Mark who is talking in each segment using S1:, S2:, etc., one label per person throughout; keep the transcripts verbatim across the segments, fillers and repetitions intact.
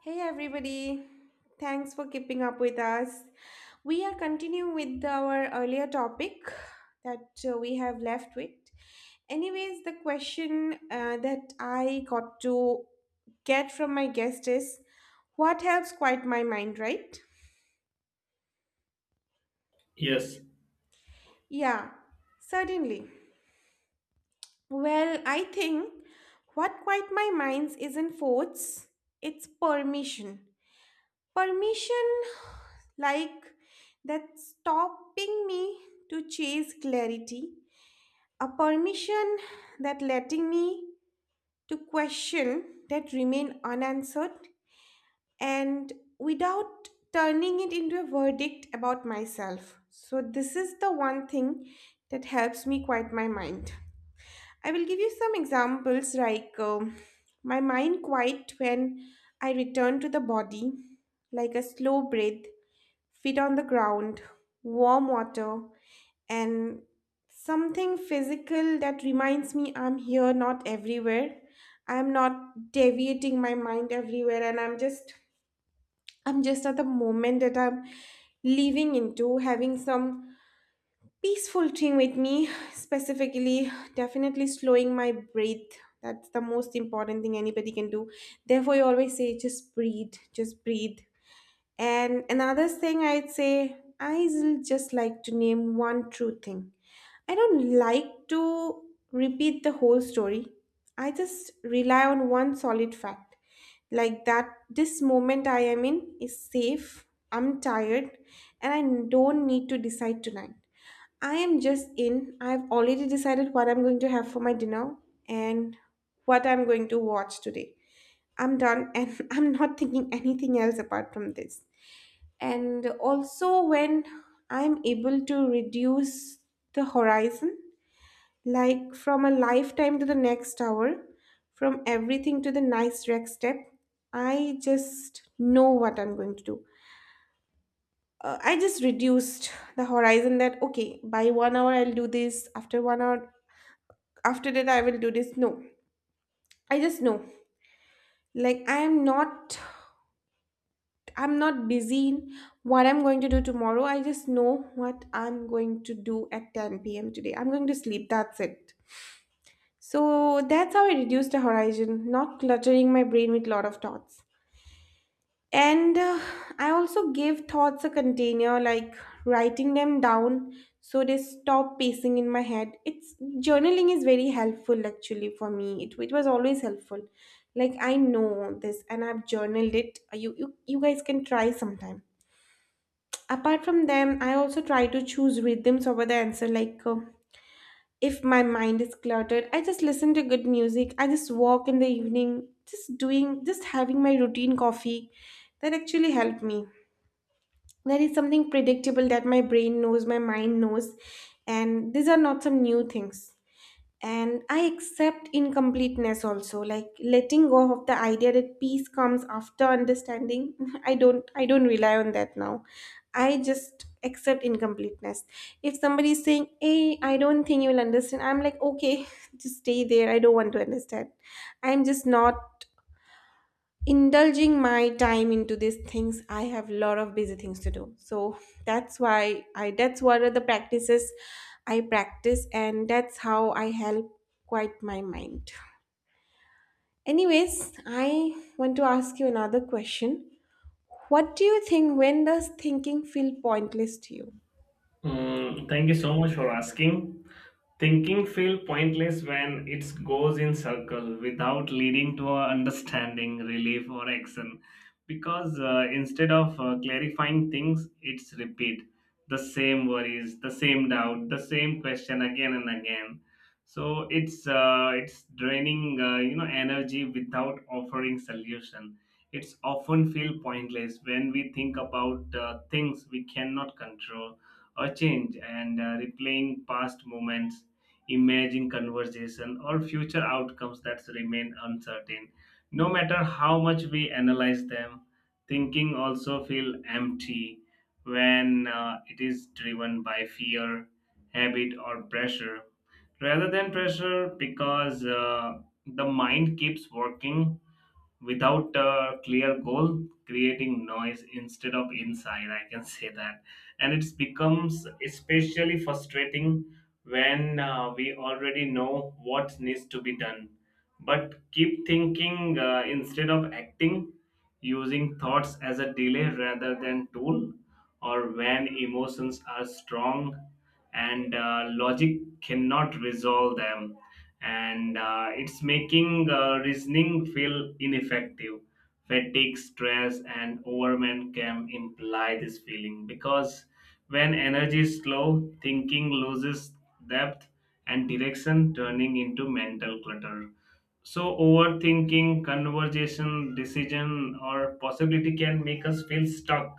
S1: Hey everybody, thanks for keeping up with us. We are continuing with our earlier topic that uh, we have left with. Anyways, the question uh, that I got to get from my guest is what helps quiet my mind, right?
S2: Yes.
S1: Yeah, certainly. Well, I think what quiet my minds isn't force, it's permission. Permission like that stopping me to chase clarity, a permission that letting me to question that remain unanswered and without turning it into a verdict about myself. So this is the one thing that helps me quiet my mind. I will give you some examples like um, my mind quiet when I return to the body, like a slow breath, feet on the ground, warm water, and something physical that reminds me I'm here, not everywhere. I'm not deviating my mind everywhere, and I'm just I'm just at the moment that I'm living into, having some peaceful thing with me, specifically, definitely slowing my breath. That's the most important thing anybody can do. Therefore, you always say, just breathe, just breathe, and another thing I'd say, I just like to name one true thing. I don't like to repeat the whole story. I just rely on one solid fact. Like that, this moment I am in is safe, I'm tired, and I don't need to decide tonight. I am just in. I've already decided what I'm going to have for my dinner and what I'm going to watch today. I'm done and I'm not thinking anything else apart from this, and also when I'm able to reduce the horizon, like from a lifetime to the next hour, from everything to the nice rec step, I just know what I'm going to do. uh, I just reduced the horizon that okay, by one hour I'll do this, after one hour after that I will do this. No, I just know, like i am not I'm not busy in what I'm going to do tomorrow. I just know what I'm going to do at ten p m today. I'm going to sleep. That's it. So that's how I reduce the horizon, not cluttering my brain with lot of thoughts. And uh, I also give thoughts a container, like writing them down so they stop pacing in my head. It's Journaling is very helpful actually for me. It, it was always helpful. Like I know this and I've journaled it. You, you you guys can try sometime. Apart from them, I also try to choose rhythms over the answer. Like, uh, if my mind is cluttered, I just listen to good music. I just walk in the evening, just doing, just having my routine coffee. That actually helped me. There is something predictable that my brain knows, my mind knows, and these are not some new things, and I accept incompleteness also, like letting go of the idea that peace comes after understanding. i don't I don't rely on that now. I just accept incompleteness. If somebody is saying, hey, I don't think you will understand, I'm like, okay, just stay there, I don't want to understand. I'm just not indulging my time into these things. I have a lot of busy things to do, so that's why I that's what are the practices I practice, and that's how I help quiet my mind. Anyways, I want to ask you another question. What do you think, when does thinking feel pointless to you?
S2: Mm, thank you so much for asking. Thinking feel pointless when it goes in circle without leading to a understanding, relief, or action. Because uh, instead of uh, clarifying things, it's repeat the same worries, the same doubt, the same question again and again. So it's uh, it's draining uh, you know energy without offering solution. It's often feel pointless when we think about uh, things we cannot control or change, and uh, replaying past moments, imagining conversation or future outcomes that remain uncertain no matter how much we analyze them. Thinking also feel empty when uh, it is driven by fear, habit, or pressure rather than pressure, because uh, the mind keeps working without a clear goal, creating noise instead of insight. I can say that. And it becomes especially frustrating when uh, we already know what needs to be done but keep thinking uh, instead of acting, using thoughts as a delay rather than tool, or when emotions are strong and uh, logic cannot resolve them, and uh, it's making uh, reasoning feel ineffective. Fatigue, stress, and overwhelm can imply this feeling, because when energy is low, thinking loses depth and direction, turning into mental clutter. So, overthinking, conversation, decision, or possibility can make us feel stuck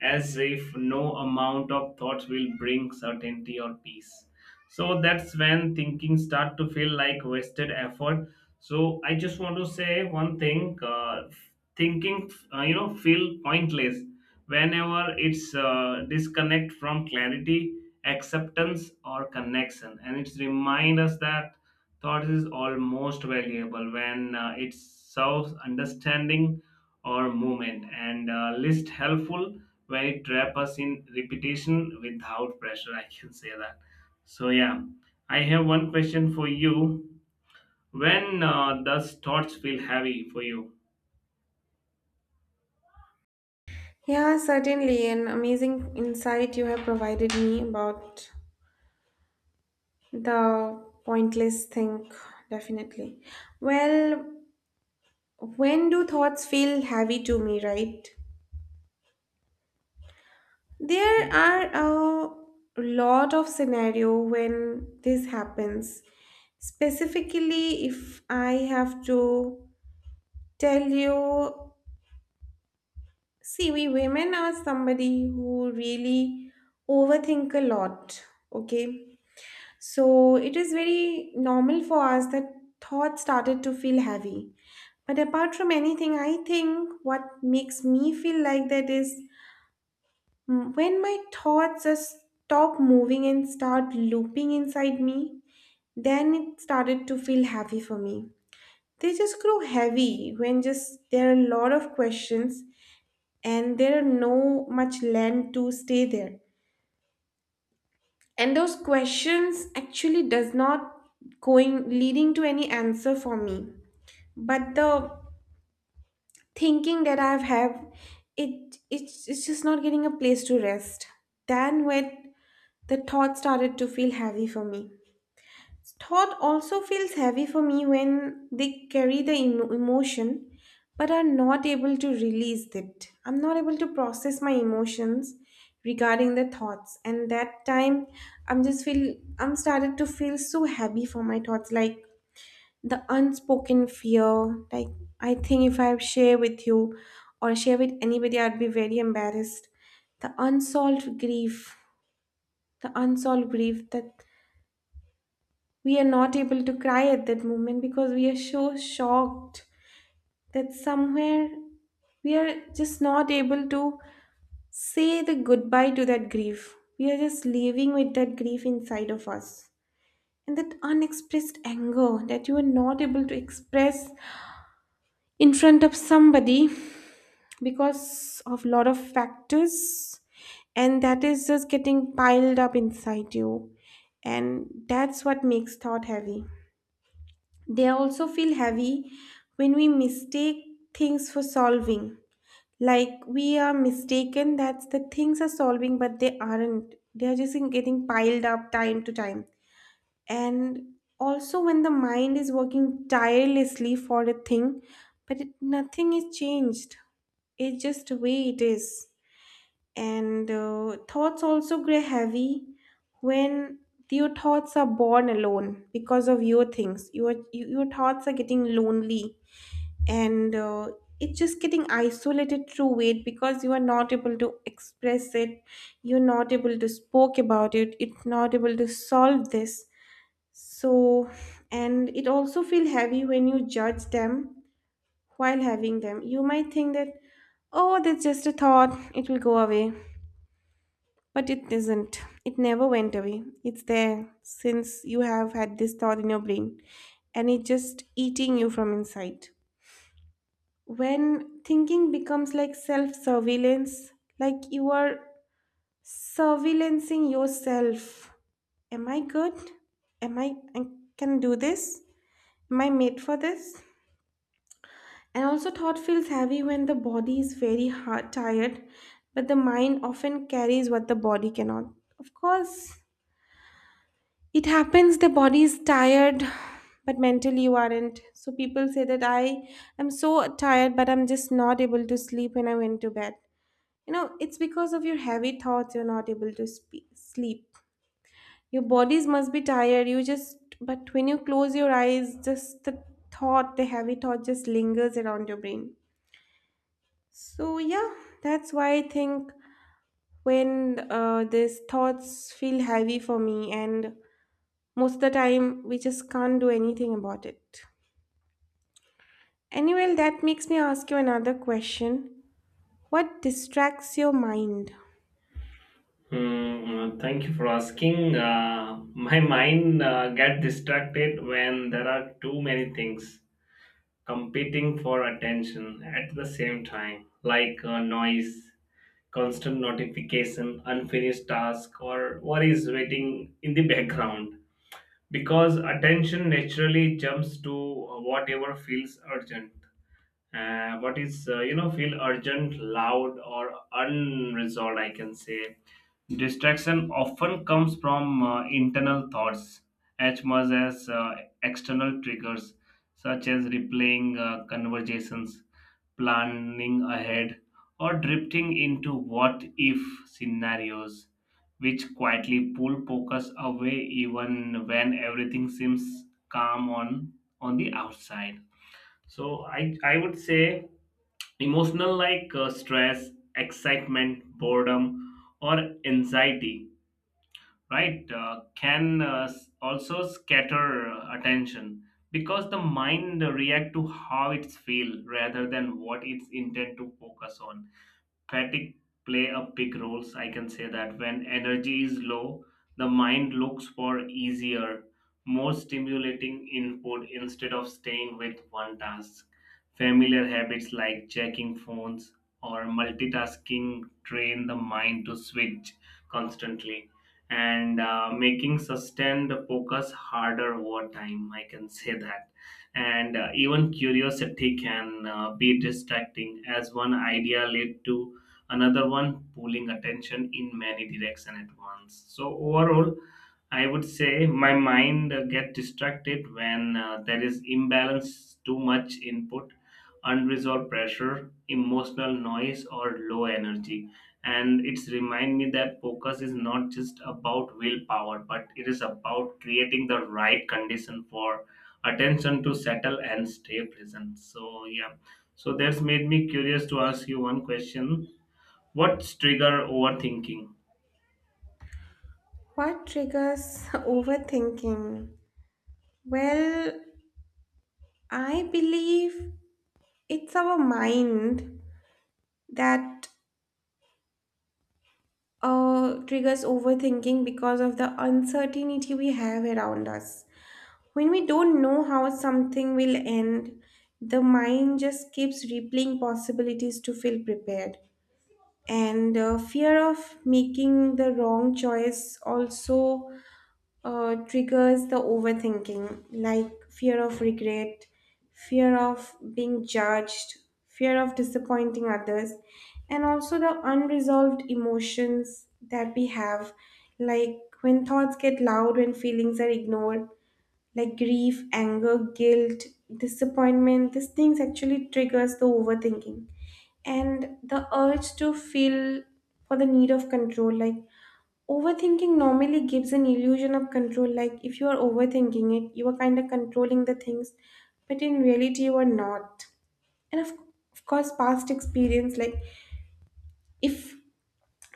S2: as if no amount of thoughts will bring certainty or peace. So, that's when thinking start to feel like wasted effort. So, I just want to say one thing. Uh, thinking, uh, you know, feel pointless whenever it's uh, disconnect from clarity, acceptance, or connection. And it's remind us that thought is almost valuable when uh, it serves understanding or movement, and uh, list helpful when it trap us in repetition without pressure. I can say that. So yeah, I have one question for you. When uh, does thoughts feel heavy for you?
S1: Yeah, certainly, an amazing insight you have provided me about the pointless think. Definitely. Well, when do thoughts feel heavy to me, right? There are a lot of scenario when this happens. Specifically, if I have to tell you, see, we women are somebody who really overthink a lot, okay? So it is very normal for us that thoughts started to feel heavy. But apart from anything, I think what makes me feel like that is, Mm, when my thoughts just stop moving and start looping inside me, then it started to feel heavy for me. They just grow heavy when just there are a lot of questions and there are no much land to stay there. And those questions actually does not going leading to any answer for me. But the thinking that I've have it, it's, it's just not getting a place to rest. Then when The thought started to feel heavy for me. Thought also feels heavy for me when they carry the emo- emotion but are not able to release it. I'm not able to process my emotions regarding the thoughts, and that time I'm just feel I'm started to feel so heavy for my thoughts, like the unspoken fear, like I think if I share with you or share with anybody I'd be very embarrassed, the unsolved grief, the unsolved grief that we are not able to cry at that moment because we are so shocked, that somewhere we are just not able to say the goodbye to that grief. We are just living with that grief inside of us. And that unexpressed anger that you are not able to express in front of somebody because of lot of factors, and that is just getting piled up inside you, and that's what makes thought heavy. They also feel heavy when we mistake things for solving. Like we are mistaken that the things are solving, but they aren't. They are just in- getting piled up time to time. And also, when the mind is working tirelessly for a thing, but it, nothing is changed, it's just the way it is. And uh, Thoughts also grow heavy when your thoughts are born alone because of your things, your you- your thoughts are getting lonely, and uh, it's just getting isolated through weight because you are not able to express it, you're not able to spoke about it, it's not able to solve this. So, and it also feel heavy when you judge them. While having them, you might think that, oh, that's just a thought, it will go away, but it isn't. It never went away. It's there since you have had this thought in your brain, and it's just eating you from inside. When thinking becomes like self surveillance, like you are surveillancing yourself. Am I good? Am I, I can do this? Am I made for this? And also, thought feels heavy when the body is very hard, tired, but the mind often carries what the body cannot. Of course, it happens, the body is tired, but mentally you aren't. So people say that I am so tired, but I'm just not able to sleep when I went to bed. You know, it's because of your heavy thoughts you're not able to spe sleep. Your bodies must be tired. You just, but when you close your eyes, just the thought, the heavy thought just lingers around your brain. So, yeah, that's why I think when uh, these thoughts feel heavy for me, and most of the time we just can't do anything about it. Anyway, that makes me ask you another question, what distracts your mind?
S2: Hmm, uh, thank you for asking. Uh, my mind uh, get distracted when there are too many things competing for attention at the same time, like uh, noise, constant notification, unfinished task, or worries waiting in the background. Because attention naturally jumps to whatever feels urgent. Uh, what is uh, you know feel urgent, loud, or unresolved? I can say distraction often comes from uh, internal thoughts as much as uh, external triggers, such as replaying uh, conversations, planning ahead, or drifting into what if scenarios, which quietly pull focus away even when everything seems calm on, on the outside. So, I, I would say emotional like uh, stress, excitement, boredom, or anxiety, right? Uh, can uh, s- also scatter uh, attention, because the mind react to how it's feel rather than what it's intent to focus on. Fatigue play a big roles, I can say that. When energy is low, the mind looks for easier, more stimulating input instead of staying with one task. Familiar habits like checking phones or multitasking train the mind to switch constantly, and uh, making sustained focus harder over time, I can say that. And uh, even curiosity can uh, be distracting, as one idea lead to another one, pulling attention in many direction at once. So overall, I would say my mind uh, get distracted when uh, there is imbalance, too much input, unresolved pressure, emotional noise, or low energy. And it's remind me that focus is not just about willpower, but it is about creating the right condition for attention to settle and stay present. So yeah, so that's made me curious to ask you one question. What's trigger overthinking?
S1: What triggers overthinking? Well, I believe it's our mind that uh, triggers overthinking because of the uncertainty we have around us. When we don't know how something will end, the mind just keeps replaying possibilities to feel prepared. And uh, Fear of making the wrong choice also uh, triggers the overthinking, like fear of regret, fear of being judged, fear of disappointing others. And also the unresolved emotions that we have, like when thoughts get loud, when feelings are ignored, like grief, anger, guilt, disappointment. These things actually triggers the overthinking. And the urge to feel for the need of control, like overthinking normally gives an illusion of control, like if you are overthinking it you are kind of controlling the things, but in reality you are not. And of, of course past experience, like if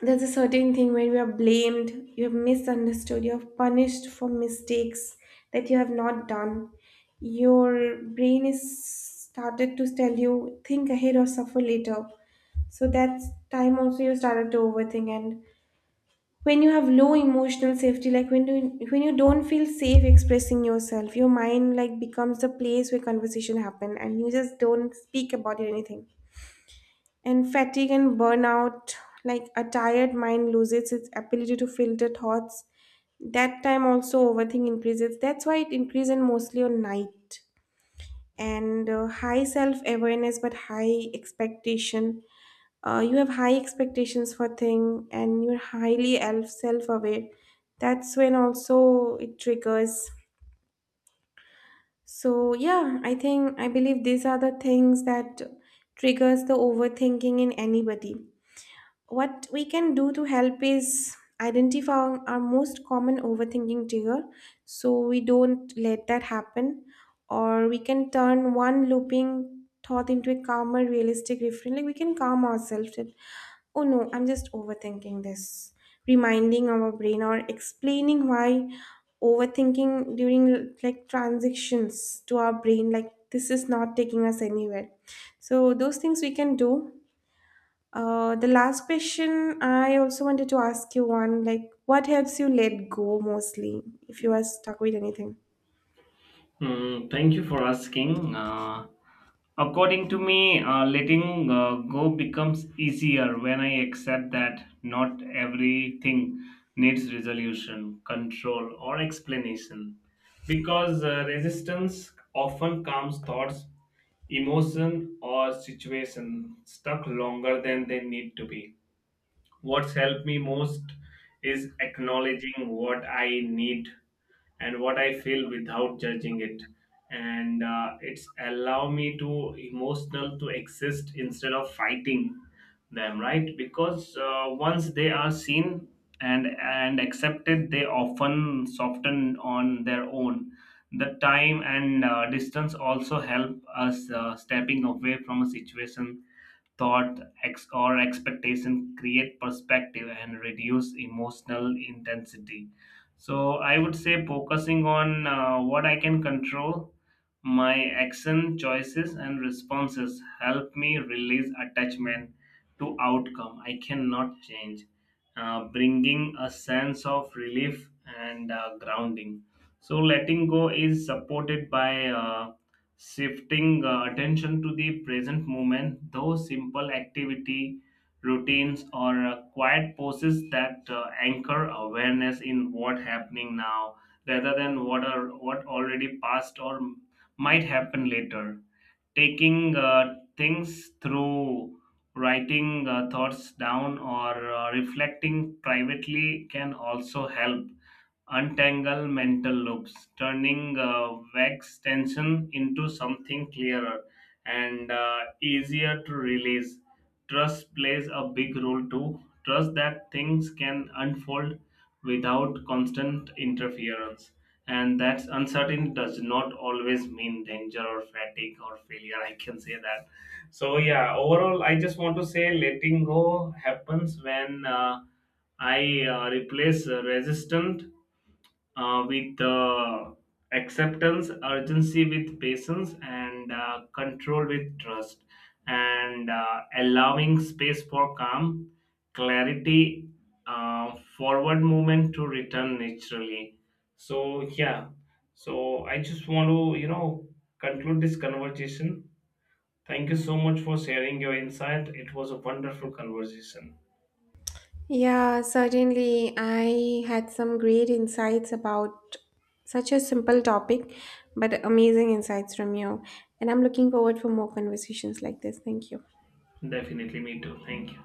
S1: there's a certain thing where you are blamed, you have misunderstood, you have punished for mistakes that you have not done, your brain is started to tell you think ahead or suffer later. So that's time also you started to overthink. And when you have low emotional safety, like when you when you don't feel safe expressing yourself, your mind like becomes the place where conversation happen and you just don't speak about it anything. And fatigue and burnout, like a tired mind loses its ability to filter thoughts, that time also overthink increases. That's why it increases mostly on night. And uh, high self awareness, but high expectation. Uh, you have high expectations for thing, and you're highly self aware. That's when also it triggers. So yeah, I think, I believe these are the things that triggers the overthinking in anybody. What we can do to help is identify our most common overthinking trigger so we don't let that happen. Or we can turn one looping thought into a calmer realistic refrain, like we can calm ourselves that oh no, I'm just overthinking this, reminding our brain or explaining why overthinking during like transitions to our brain like this is not taking us anywhere. So those things we can do. Uh, the last question I also wanted to ask you one, like, what helps you let go mostly if you are stuck with anything?
S2: Hmm, thank you for asking. Uh, according to me, uh, letting uh, go becomes easier when I accept that not everything needs resolution, control, or explanation. Because uh, resistance often calms thoughts, emotion, or situation stuck longer than they need to be. What's helped me most is acknowledging what I need and what I feel without judging it. And uh, it's allow me to emotional to exist instead of fighting them, right? Because uh, once they are seen and and accepted, they often soften on their own. The time and uh, distance also help us uh, stepping away from a situation, thought ex- or expectation, create perspective and reduce emotional intensity. So I would say focusing on uh, what I can control, my action, choices, and responses help me release attachment to outcome I cannot change, uh, bringing a sense of relief and uh, grounding. So letting go is supported by uh, shifting uh, attention to the present moment, those simple activity, routines, or uh, quiet poses that uh, anchor awareness in what happening now rather than what are what already passed or m- might happen later. Taking uh, things through writing uh, thoughts down or uh, reflecting privately can also help untangle mental loops, turning uh, vague tension into something clearer and uh, easier to release. Trust plays a big role too. Trust that things can unfold without constant interference, and that uncertainty does not always mean danger or fatigue or failure. I can say that. So yeah, overall, I just want to say letting go happens when Uh, I uh, replace uh, resistant uh, with uh, acceptance, urgency with patience, and uh, control with trust, and uh, allowing space for calm, clarity, uh, forward movement to return naturally. So, yeah, so I just want to, you know, conclude this conversation. Thank you so much for sharing your insight. It was a wonderful conversation.
S1: Yeah, certainly. I had some great insights about such a simple topic, but amazing insights from you. And I'm looking forward for more conversations like this. Thank you.
S2: Definitely, me too. Thank you.